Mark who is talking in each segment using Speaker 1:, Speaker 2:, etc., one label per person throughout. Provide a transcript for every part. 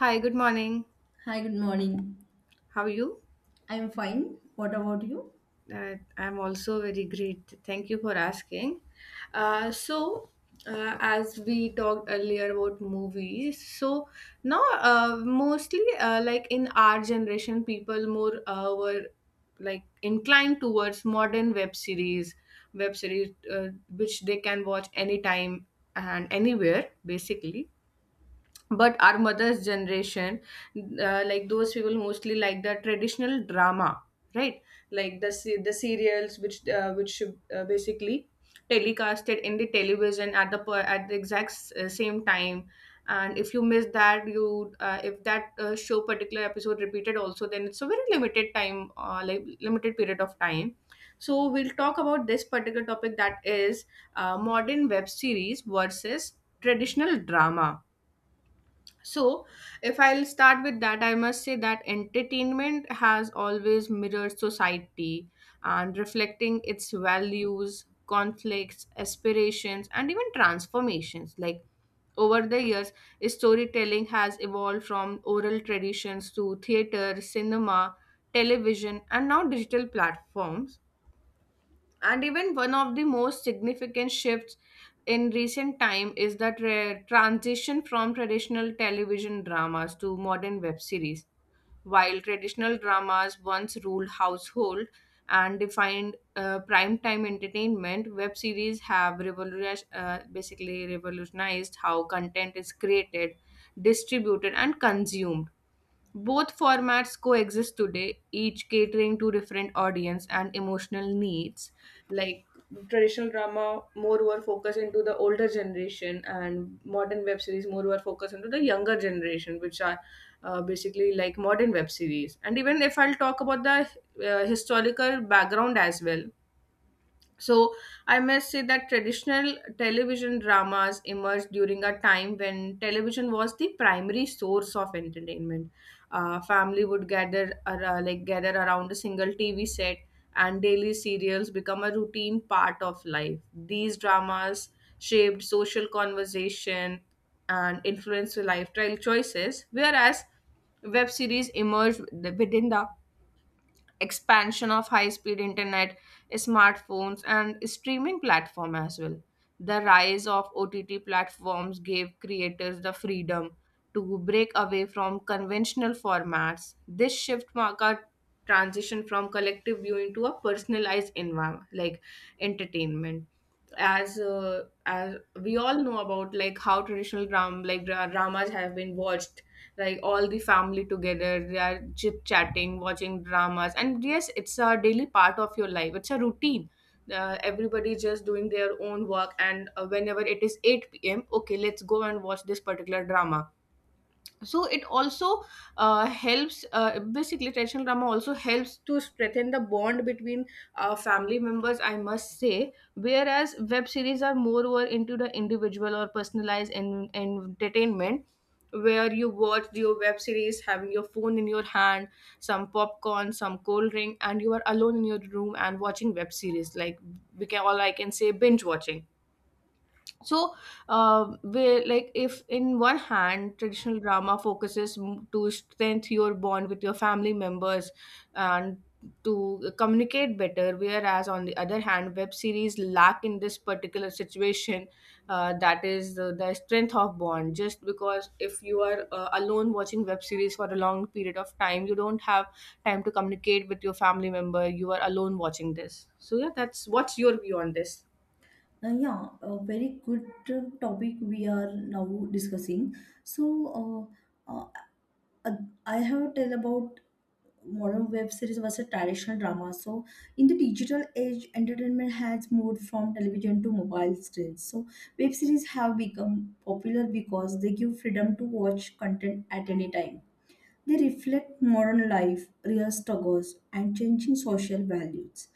Speaker 1: Hi, good morning.
Speaker 2: Hi, good morning.
Speaker 1: How are you?
Speaker 2: I'm fine. What about you?
Speaker 1: I'm also very great. Thank you for asking. Uh, so, as we talked earlier about movies, so now mostly like in our generation, people more were like inclined towards modern web series, which they can watch anytime and anywhere, basically. But our mother's generation, like those people mostly like the traditional drama, right. Like the serials which basically telecasted in the television at at the exact same time. And if you miss that, you if that show particular episode repeated also, then it's a very limited time, like limited period of time. So we'll talk about this particular topic, that is, modern web series versus traditional drama. So, if I'll start with that, I must say that entertainment has always mirrored society and reflecting its values, conflicts, aspirations, and even transformations. Like over the years, storytelling has evolved from oral traditions to theater, cinema, television, and now digital platforms. And even one of the most significant shifts in recent time is that transition from traditional television dramas to modern web series. While traditional dramas once ruled household and defined primetime entertainment, web series have revolutionized how content is created, distributed, and consumed. Both formats coexist today, each catering to different audience and emotional needs. Like traditional drama moreover focus into the older generation, and modern web series moreover focus into the younger generation, which are basically like modern web series. And even if I'll talk about the historical background as well, so I must say that traditional television dramas emerged during a time when television was the primary source of entertainment. Family would like gather around a single TV set, and daily serials become a routine part of life. These dramas shaped social conversation and influenced lifestyle choices, whereas web series emerged within the expansion of high speed internet, smartphones, and streaming platform as well. The rise of OTT platforms gave creators the freedom to break away from conventional formats. This shift marked a transition from collective viewing to a personalized environment, like entertainment. As we all know about, like how traditional dramas have been watched, like all the family together, they are chit chatting watching dramas. And yes, it's a daily part of your life, it's a routine. Everybody is just doing their own work, and whenever it is 8 p.m., okay, let's go and watch this particular drama. So it also helps basically traditional drama also helps to strengthen the bond between family members, I must say. Whereas web series are more were into the individual or personalized entertainment, where you watch your web series having your phone in your hand, some popcorn, some cold drink, and you are alone in your room and watching web series. Like we can all I can say binge watching. So we like if in one hand traditional drama to strengthen your bond with your family members and to communicate better, whereas on the other hand web series lack in this particular situation. That is the strength of bond, just because if you are alone watching web series for a long period of time, you don't have time to communicate with your family member. You are alone watching this. So yeah, that's, what's your view on this?
Speaker 2: Yeah, a very good topic we are now discussing. So, uh, uh, uh, I have tell about modern web series versus traditional drama. So, in the digital age, entertainment has moved from television to mobile screens. So, web series have become popular because they give freedom to watch content at any time. They reflect modern life, real struggles, and changing social values.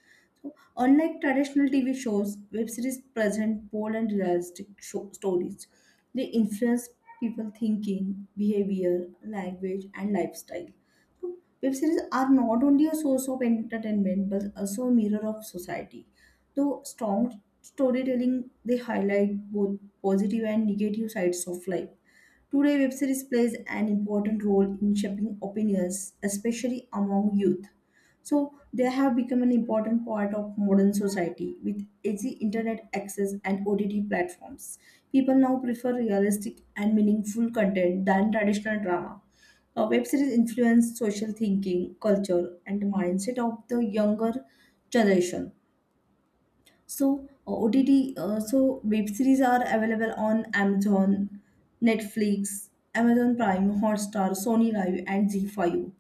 Speaker 2: So, unlike traditional TV shows, web series present bold and realistic stories. They influence people thinking, behavior, language, and lifestyle. So, web series are not only a source of entertainment but also a mirror of society. Though strong storytelling, they highlight both positive and negative sides of life. Today, web series plays an important role in shaping opinions, especially among youth. So, they have become an important part of modern society with easy internet access and OTT platforms. People now prefer realistic and meaningful content than traditional drama. Web series influence social thinking, culture, and mindset of the younger generation. So web series are available on Amazon, Netflix, Amazon Prime, Hotstar, Sony Live, and Zee5.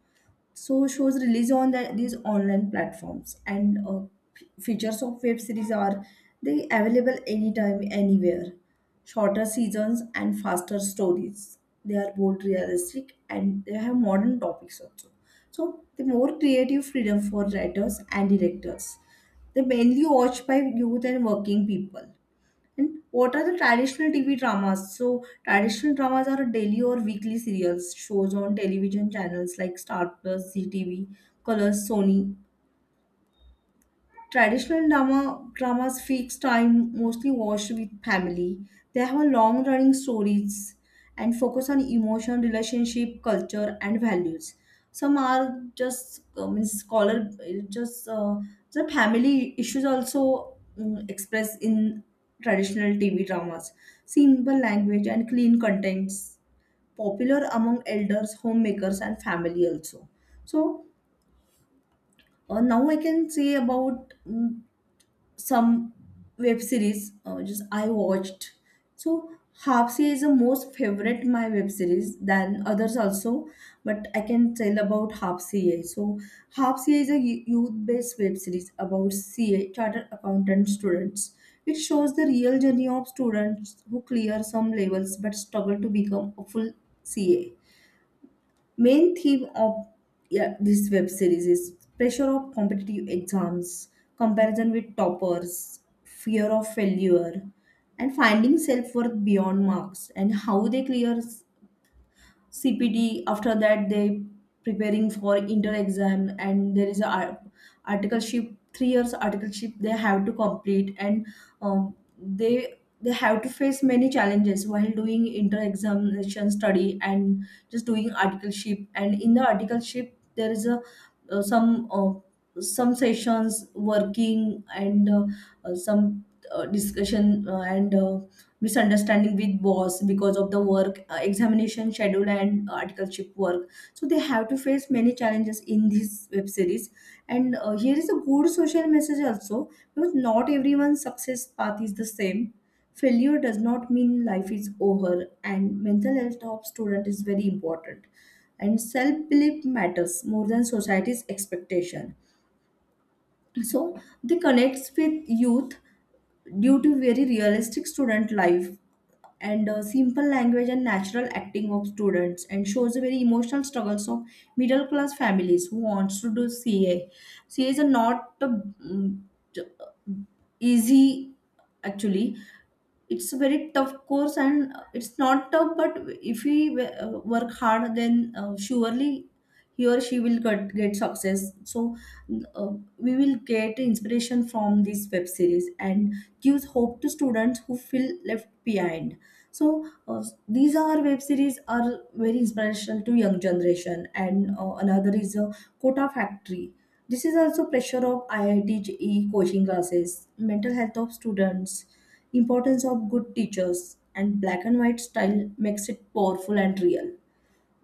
Speaker 2: So shows release on these online platforms, and features of web series are they available anytime anywhere, shorter seasons and faster stories. They are both realistic and they have modern topics also. So the more creative freedom for writers and directors, they mainly watched by youth and working people. And what are the traditional TV dramas? So, traditional dramas are daily or weekly serials shows on television channels like Star Plus, ZTV, Colors, Sony. Traditional drama dramas fix time, mostly watched with family. They have a long running stories and focus on emotion, relationship, culture, and values. Some are just means scholar, just the family issues also expressed in traditional TV dramas. Simple language and clean contents, popular among elders, homemakers, and family also. So now I can say about some web series just I watched. So Hapsi is the most favorite my web series than others also, but I can tell about Hapsi. So Hapsi is a youth based web series about CA chartered accountant students. It shows the real journey of students who clear some levels but struggle to become a full CA. Main theme of, yeah, this web series is pressure of competitive exams, comparison with toppers, fear of failure, and finding self worth beyond marks, and how they clear CPD. After that, they preparing for inter exam, and there is a articleship, 3 years articleship they have to complete, and um, they they have to face many challenges while doing inter examination study and just doing articleship. And in the articleship, there is a uh, some uh, some sessions working, and some discussion, and misunderstanding with boss because of the work, examination schedule and articleship work. So they have to face many challenges in this web series, and here is a good social message also, because not everyone's success path is the same. Failure does not mean life is over, and mental health of student is very important, and self-belief matters more than society's expectation. So they connects with youth due to very realistic student life, and simple language and natural acting of students, and shows the very emotional struggles of middle class families who wants to do CA is a not a, easy, actually. It's a very tough course, and it's not tough, but if we work hard, then surely he or she will get success. So uh, we will get inspiration from this web series, and gives hope to students who feel left behind. So these are web series are very inspirational to young generation, and another is a quota factory. This is also pressure of IIT coaching classes, mental health of students, importance of good teachers, and black and white style makes it powerful and real.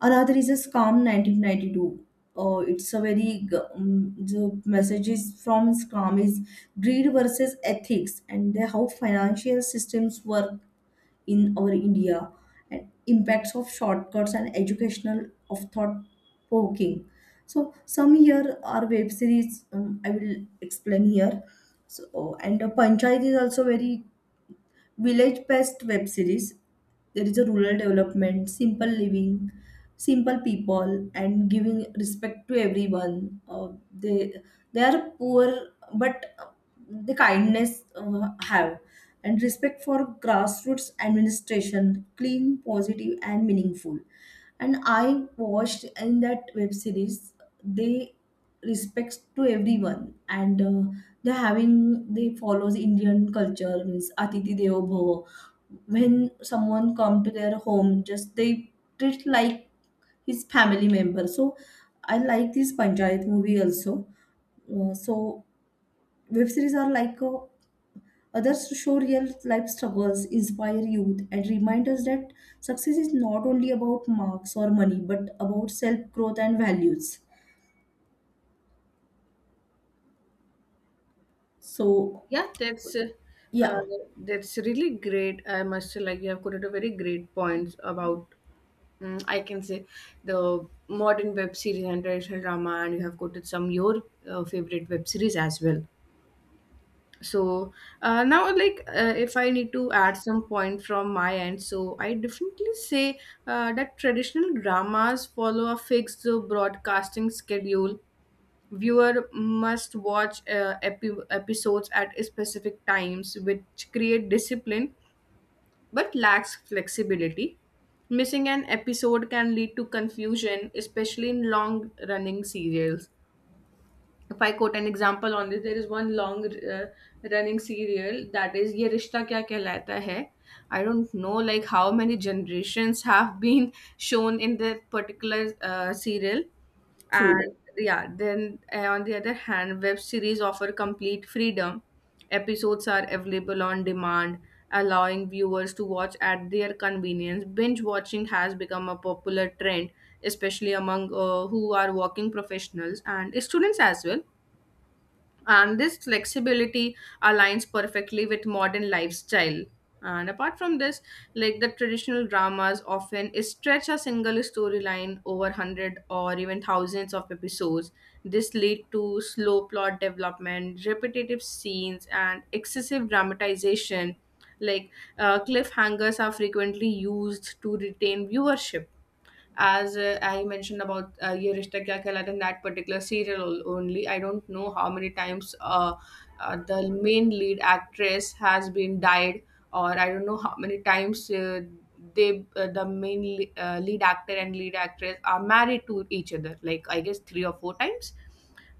Speaker 2: Another is a scam 1992. It's a very the messages from scam is greed versus ethics, and how financial systems work in our India, and impacts of shortcuts, and educational of thought provoking. So some here are web series, I will explain here. So, and panchayat is also very Village Pest web series. There is a rural development, simple living, simple people, and giving respect to everyone. They are poor, but the kindness have, and respect for grassroots administration, clean, positive, and meaningful. And I watched in that web series. They respects to everyone, and they're having they follows Indian culture, means Athithi Devo Bhava. When someone come to their home, just they treat like his family member. So I like this Panchayat movie also. So web series are like others to show real life struggles, inspire youth, and remind us that success is not only about marks or money, but about self growth and values. So
Speaker 1: Yeah,
Speaker 2: yeah,
Speaker 1: uh, that's really great. I must say, like you have quoted a very great points about I can say the modern web series and traditional drama, and you have quoted some your favorite web series as well. So now, like if I need to add some point from my end, so I definitely say that traditional dramas follow a fixed broadcasting schedule. Viewer must watch episodes at specific times, which create discipline but lacks flexibility. Missing an episode can lead to confusion, especially in long running serials. If I quote an example on this, there is one long running serial, that is Ye Rishta Kya Kehlata Hai. I don't know like how many generations have been shown in that particular serial, and
Speaker 2: true.
Speaker 1: yeah, then on the other hand, web series offer complete freedom. Episodes are available on demand, allowing viewers to watch at their convenience. Binge watching has become a popular trend, especially among who are working professionals and students as well. And this flexibility aligns perfectly with modern lifestyle. And apart from this, like the traditional dramas often stretch a single storyline over 100 or even thousands of episodes. This lead to slow plot development, repetitive scenes, and excessive dramatization. Like cliffhangers are frequently used to retain viewership. As I mentioned about Ye Rishta Kya Kehlata in that particular serial only, I don't know how many times the main lead actress has been died, or I don't know how many times the main lead actor and lead actress are married to each other. Like I guess three or four times.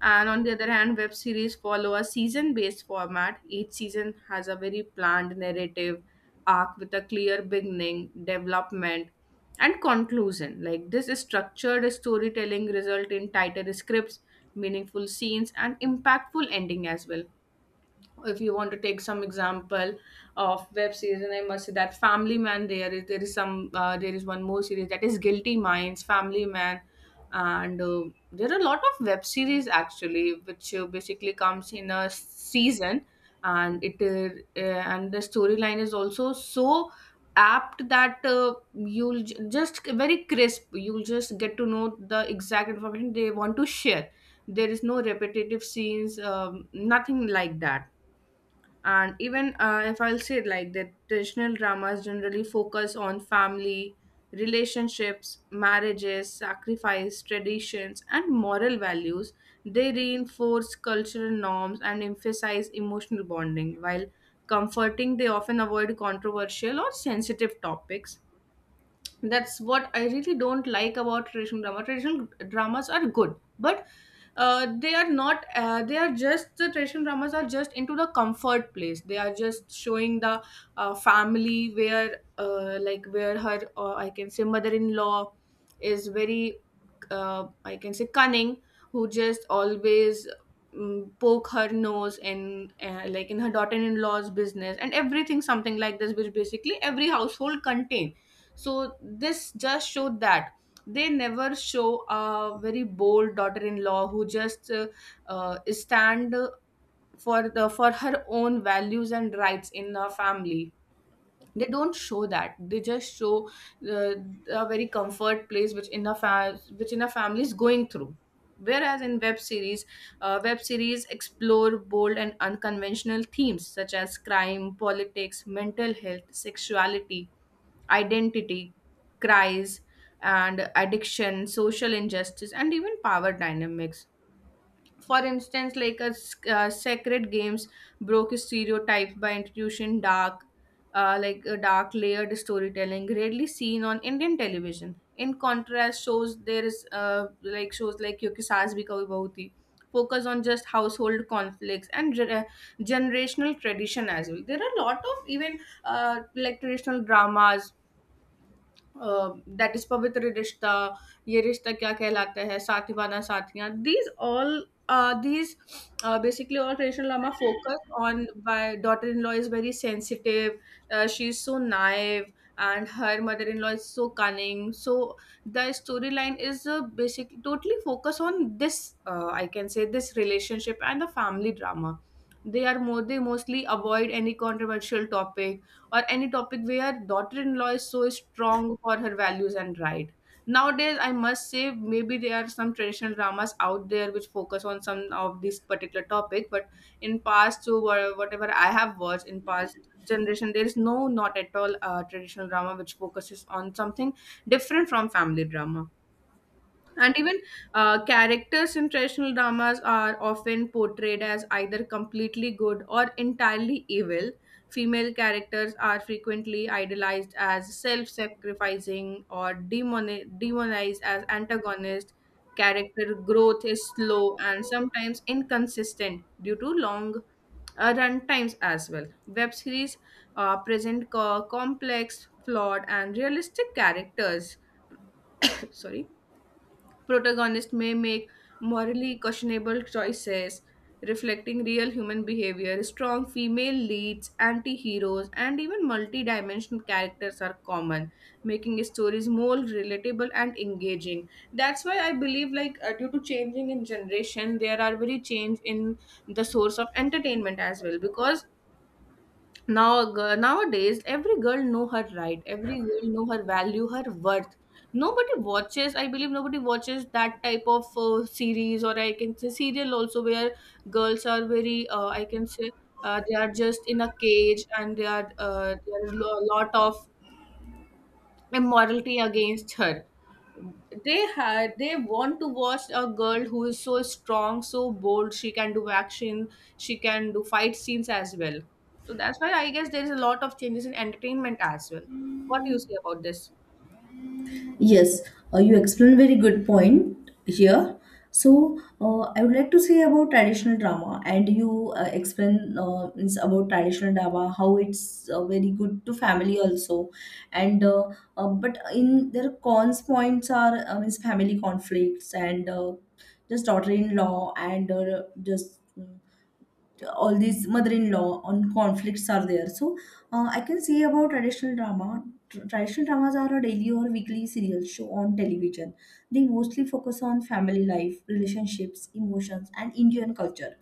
Speaker 1: And on the other hand, web series follow a season based format. Each season has a very planned narrative arc with a clear beginning, development, and conclusion. Like this structured storytelling result in tighter scripts, meaningful scenes, and impactful ending as well. If you want to take some example of web series, and I must say that family man, there is one more series that is guilty minds, family man. And there are a lot of web series actually, which basically comes in a season. And it and the storyline is also so apt that you'll just very crisp, you'll just get to know the exact information they want to share. There is no repetitive scenes, nothing like that. And even if I'll say it like that traditional dramas generally focus on family relationships, marriages, sacrifice, traditions, and moral values. They reinforce cultural norms and emphasize emotional bonding while comforting. They often avoid controversial or sensitive topics. That's what I really don't like about traditional drama. Traditional dramas are good, but they are not. They are just, the traditional dramas are just into the comfort place. They are just showing the family, where, like where her I can say mother-in-law is very, I can say cunning, who just always poke her nose in, like in her daughter-in-law's business and everything, something like this, which basically every household contains. So this just showed that they never show a very bold daughter-in-law who just stand for the for her own values and rights in a family. They don't show that, they just show uh, a very comfort place which in a which in a family is going through. Whereas in web series, web series explore bold and unconventional themes such as crime, politics, mental health, sexuality, identity, cries, and addiction, social injustice, and even power dynamics. For instance, like sacred games broke stereotypes by introducing dark, like a dark layered storytelling rarely seen on Indian television. In contrast, shows, there is like shows like Kyunki Saas Bhi Kabhi Bahu Thi focus on just household conflicts and generational tradition as well. There are a lot of even uh, like traditional dramas, uh, that is पवित्र रिश्ता, ये रिश्ता क्या कहलाता है, साथीवाना साथियाँ, these all these basically all traditional lama focus on, my daughter-in-law is very sensitive, she's so naive, and her mother-in-law is so cunning. So the storyline is basically totally focus on this, I can say this relationship and the family drama. They are more, they mostly avoid any controversial topic or any topic where daughter-in-law is so strong for her values and right. Nowadays, I must say maybe there are some traditional dramas out there which focus on some of this particular topic, but in past, so whatever I have watched in past generation, there is no, not at all traditional drama which focuses on something different from family drama. And even characters in traditional dramas are often portrayed as either completely good or entirely evil. Female characters are frequently idolized as self sacrificing or demonized as antagonist. Character growth is slow and sometimes inconsistent due to long run times as well. Web series present complex, flawed, and realistic characters. Sorry. Protagonists may make morally questionable choices, reflecting real human behavior. Strong female leads, anti heroes, and even multi dimensional characters are common, making stories more relatable and engaging. That's why I believe, like, due to changing in generation, there are very change in the source of entertainment as well because nowadays every girl know her right, every girl know her value, her worth. Nobody watches, I believe nobody watches that type of series, or I can say serial also, where girls are very I can say, they are just in a cage and they are there is a lot of immorality against her. They had they want to watch a girl who is so strong, so bold, she can do action, she can do fight scenes as well. So that's why I guess there is a lot of changes in entertainment as well. What do you say about this?
Speaker 2: Yes, you explained very good point here. So I would like to say about traditional drama, and you explain means about traditional drama how it's very good to family also, and but in their cons points are means family conflicts, and just daughter-in-law, and all these mother-in-law on conflicts are there. So I can say about traditional drama. Traditional dramas are a daily or weekly serial show on television. They mostly focus on family life, relationships, emotions, and Indian culture.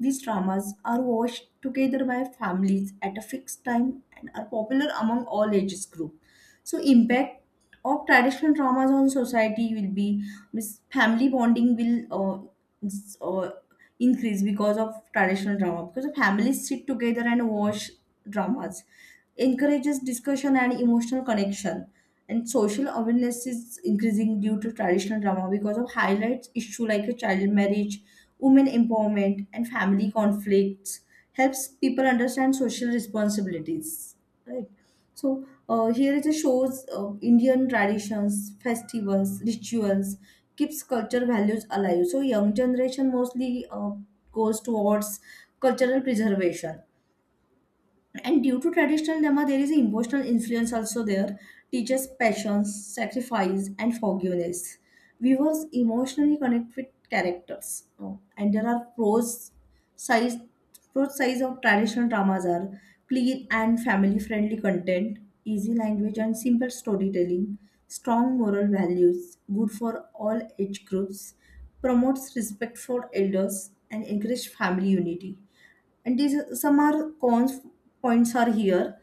Speaker 2: These dramas are watched together by families at a fixed time, and are popular among all ages group. So impact of traditional dramas on society will be, means family bonding will s- uh, increase because of traditional drama, because the families sit together and watch dramas, encourages discussion and emotional connection. And social awareness is increasing due to traditional drama, because of highlights issue like a child marriage, women empowerment, and family conflicts, helps people understand social responsibilities, right? So here it shows Indian traditions, festivals, rituals, keeps culture values alive. So young generation mostly goes towards cultural preservation. And due to traditional dharma, there is emotional influence also there, teaches passions, sacrifice, and forgiveness. Viewers emotionally connect with characters. Oh, and there are pros size, pros size of traditional dramas are clean and family friendly content, easy language and simple storytelling, strong moral values, good for all age groups, promotes respect for elders, and encourage family unity. And these some are cons points are here.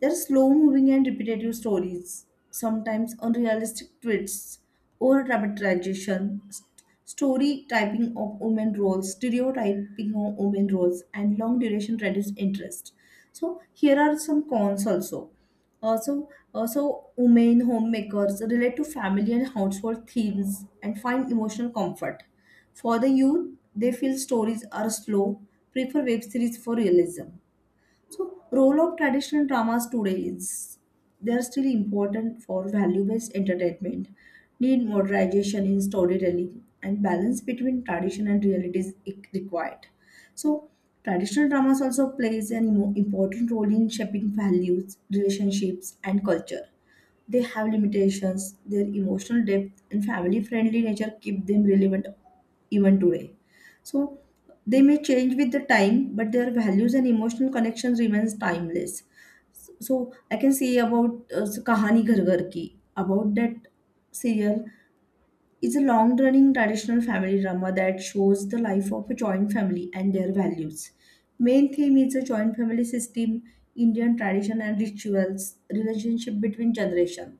Speaker 2: There are slow moving and repetitive stories, sometimes unrealistic twists, over dramatization, story typing of women roles, stereotyping of women roles, and long duration reduced interest. So here are some cons also. Also, also women homemakers relate to family and household themes and find emotional comfort. For the youth, they feel stories are slow, prefer web series for realism. So, role of traditional dramas today is they are still important for value-based entertainment. Need modernization in storytelling, and balance between tradition and reality is required. So, traditional dramas also plays an important role in shaping values, relationships, and culture. They have limitations. Their emotional depth and family friendly nature keep them relevant even today. So they may change with the time, but their values and emotional connections remains timeless. So I can say about, so Kahani Ghar Ghar Ki. About that serial is a long running traditional family drama that shows the life of a joint family and their values. Main theme is a joint family system, Indian tradition and rituals, relationship between generation.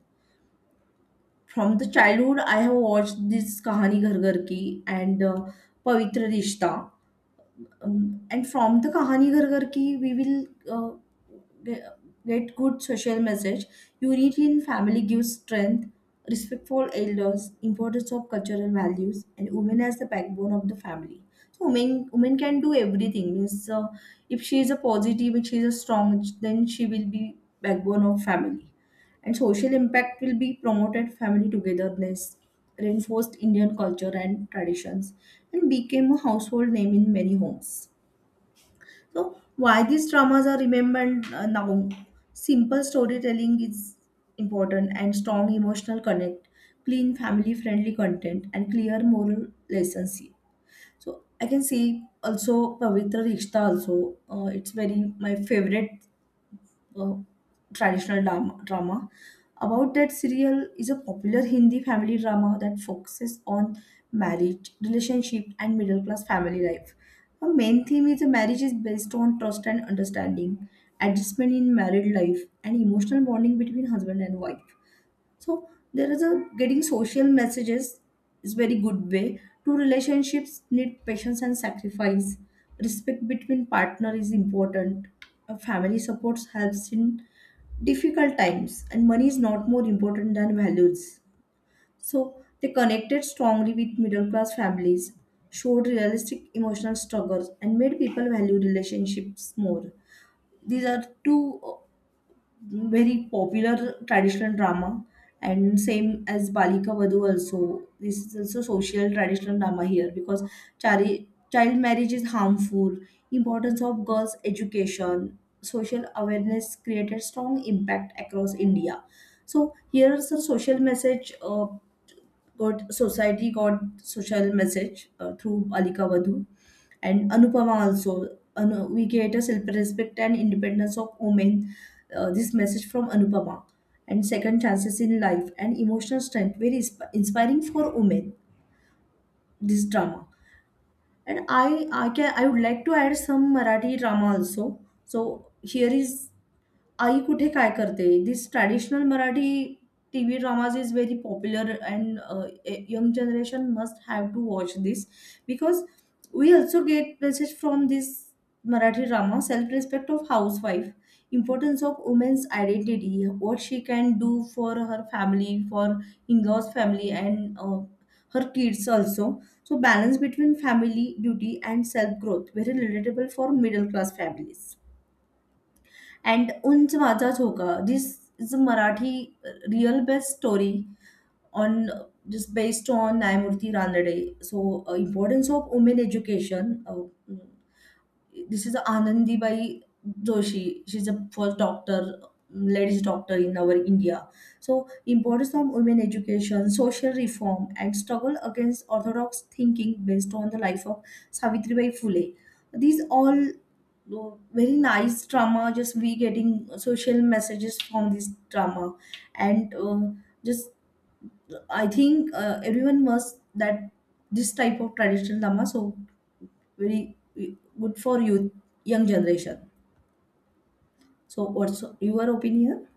Speaker 2: From the childhood, I have watched this Kahani Ghar Ghar Ki and Pavitra Rishta. And from the Kahani Ghar Ghar Ki, we will ge- get good social message. Unity in family gives strength, respect for elders, importance of cultural values, and women as the backbone of the family. So women can do everything. Means if she is a positive, if she is a strong, then she will be backbone of family. And social impact will be promoted family togetherness, reinforced Indian culture and traditions, and became a household name in many homes. So, why these dramas are remembered now? Simple storytelling is important and strong emotional connect, clean family friendly content, and clear moral lessons. Here. So I can say also Pavitra Rishta also. It's very my favorite uh, traditional drama. About that serial is a popular Hindi family drama that focuses on marriage, relationship, and middle class family life. The main theme is the marriage is based on trust and understanding, adjustment in married life, and emotional bonding between husband and wife. So there is a getting social messages is very good way. Two relationships need patience and sacrifice. Respect between partner is important. A family support helps in difficult times, and money is not more important than values. So they connected strongly with middle class families, showed realistic emotional struggles, and made people value relationships more. These are two very popular traditional drama and same as Balika Vadhu also. This is also social traditional drama here because child marriage is harmful, importance of girls' education, social awareness created strong impact across India. So here's a social message got society got social message through Alika Vadhu and Anupama also. Anu, we get a self-respect and independence of women. This message from Anupama and second chances in life and emotional strength very inspiring for women. This drama and I would like to add some Marathi drama also. So here is I could say, "karde, this traditional Marathi TV drama is very popular, and young generation must have to watch this because we also get message from this Marathi drama: self-respect of housewife, importance of woman's identity, what she can do for her family, for inlaws' family, and her kids also. So, balance between family duty and self-growth very relatable for middle-class families." And उंच माझा झोका. This is a Marathi real best story on just based on Nyamurthy Ranade. So, importance of women education. This is Anandibai Joshi. She's a first doctor, ladies doctor in our India. So importance of women education, social reform, and struggle against orthodox thinking based on the life of Savitribai Phule. These all very nice drama. Just we getting social messages from this drama, and just I think everyone must that this type of traditional drama. So very good for youth, young generation. So, what's your opinion?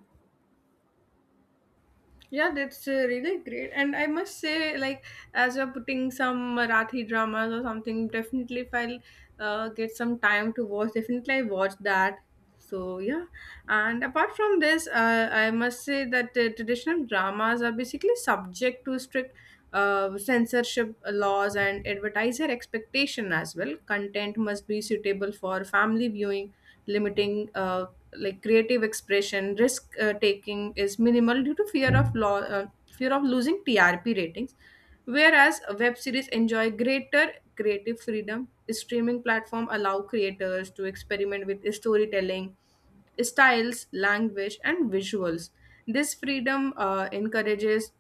Speaker 1: Yeah, that's really great. And I must say, like, as you're putting some Marathi dramas or something, definitely if I'll get some time to watch, definitely I watch that. So, yeah. And apart from this, I must say that traditional dramas are basically subject to strict censorship laws and advertiser expectation as well. Content must be suitable for family viewing, limiting like creative expression. Risk taking is minimal due to fear of law, fear of losing TRP ratings, whereas web series enjoy greater creative freedom. Streaming platform allow creators to experiment with storytelling styles, language, and visuals. This freedom encourages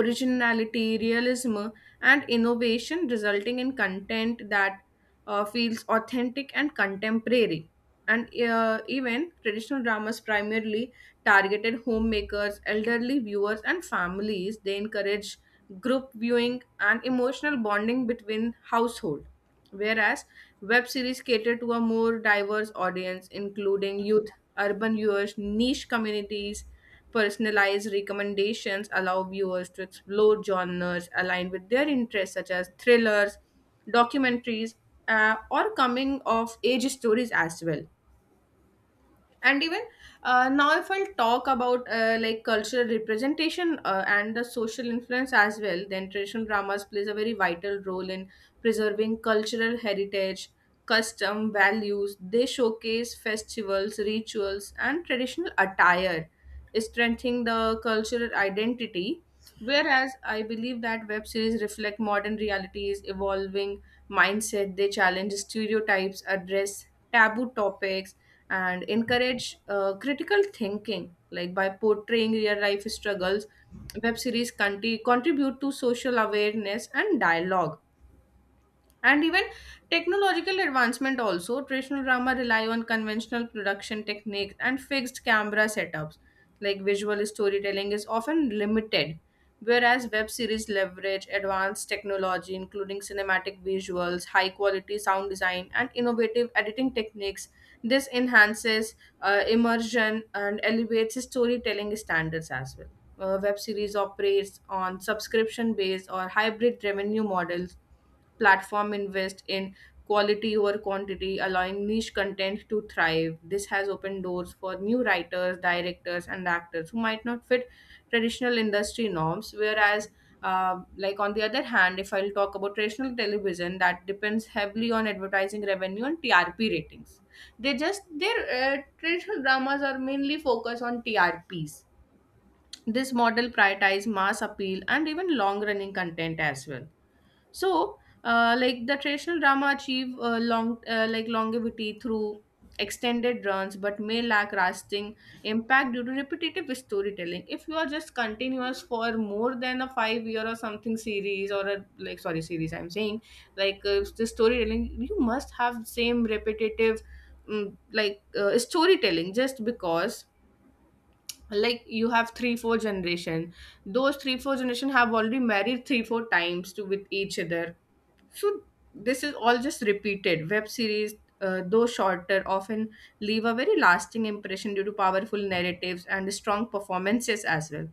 Speaker 1: originality, realism, and innovation, resulting in content that feels authentic and contemporary. And even traditional dramas primarily targeted homemakers, elderly viewers, and families. They encourage group viewing and emotional bonding between household. Whereas web series cater to a more diverse audience, including youth, urban viewers, niche communities. Personalized recommendations allow viewers to explore genres aligned with their interests, such as thrillers, documentaries, or coming of age stories as well. And even now if I'll talk about like cultural representation and the social influence as well, then traditional dramas plays a very vital role in preserving cultural heritage, custom values. They showcase festivals, rituals, and traditional attire, strengthening the cultural identity. Whereas I believe that web series reflect modern realities, evolving mindset. They challenge stereotypes, address taboo topics, and encourage critical thinking, like by portraying real life struggles. Web series contribute to social awareness and dialogue. And even technological advancement also, traditional drama rely on conventional production techniques and fixed camera setups. Like visual storytelling is often limited, whereas web series leverage advanced technology including cinematic visuals, high quality sound design, and innovative editing techniques. This enhances immersion and elevates storytelling standards as well. Web series operates on subscription based or hybrid revenue models. Platform invest in quality over quantity, allowing niche content to thrive. This has opened doors for new writers, directors, and actors who might not fit traditional industry norms. Whereas like on the other hand, if I'll talk about traditional television, that depends heavily on advertising revenue and TRP ratings. They just their Traditional dramas are mainly focused on TRPs. This model prioritizes mass appeal and even long running content as well. So like the traditional drama achieve long like longevity through extended runs, but may lack lasting impact due to repetitive storytelling. If you are just continuous for more than a 5 year or something series, or a like sorry series I'm saying, like the storytelling, you must have same repetitive like storytelling, just because like you have 3 4 generation, those 3 4 generation have already married 3 4 times to with each other. So this is all just repeated. Web series, though shorter, often leave a very lasting impression due to powerful narratives and strong performances as well.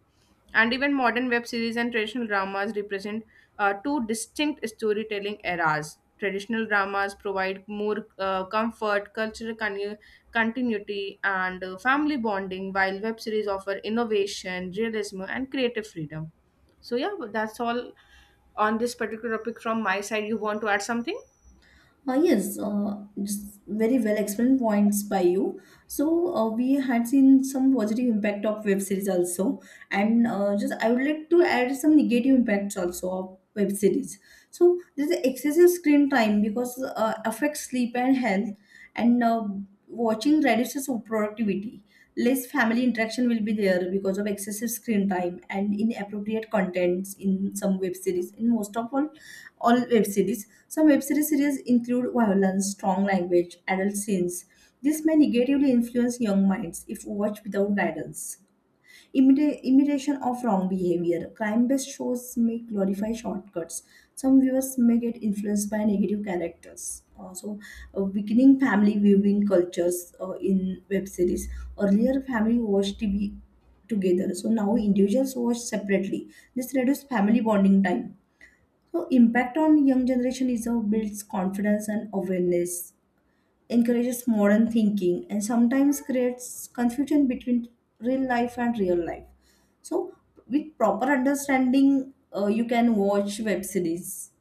Speaker 1: And even modern web series and traditional dramas represent two distinct storytelling eras. Traditional dramas provide more comfort, cultural continuity, and family bonding, while web series offer innovation, realism, and creative freedom. So yeah, but that's all on this particular topic from my side. You want to add something?
Speaker 2: Yes, just very well explained points by you. So we had seen some positive impact of web series also, and just I would like to add some negative impacts also of web series. So there's an excessive screen time because affects sleep and health, and watching reduces productivity. Less family interaction will be there because of excessive screen time and inappropriate contents in some web series. In most of all web series, some web series include violence, strong language, adult scenes. This may negatively influence young minds if watched without guidance. Imitation of wrong behavior. Crime based shows may glorify shortcuts. Some viewers may get influenced by negative characters. Weakening family viewing cultures in web series. Earlier, family watched TV together, so now individuals watch separately. This reduces family bonding time. So, impact on young generation is builds confidence and awareness encourages modern thinking and sometimes creates confusion between real life and real life. So, with proper understanding, you can watch web series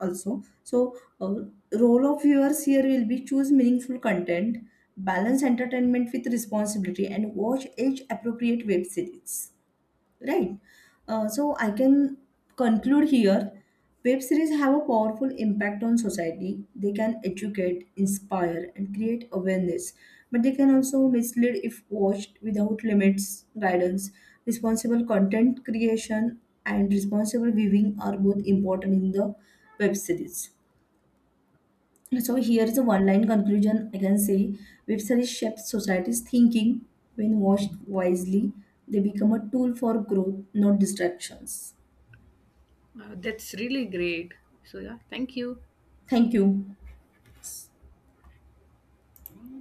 Speaker 2: also. So, role of viewers here will be choose meaningful content, balance entertainment with responsibility, and watch age appropriate web series. Right. So I can conclude here. Web series have a powerful impact on society. They can educate, inspire, and create awareness. But they can also mislead if watched without limits, guidance. Responsible content creation and responsible viewing are both important in the web series. So here is a one-line conclusion I can say. Web series shape society's thinking. When watched wisely, they become a tool for growth, not distractions.
Speaker 1: That's really great. So, yeah, thank you.
Speaker 2: Thank you.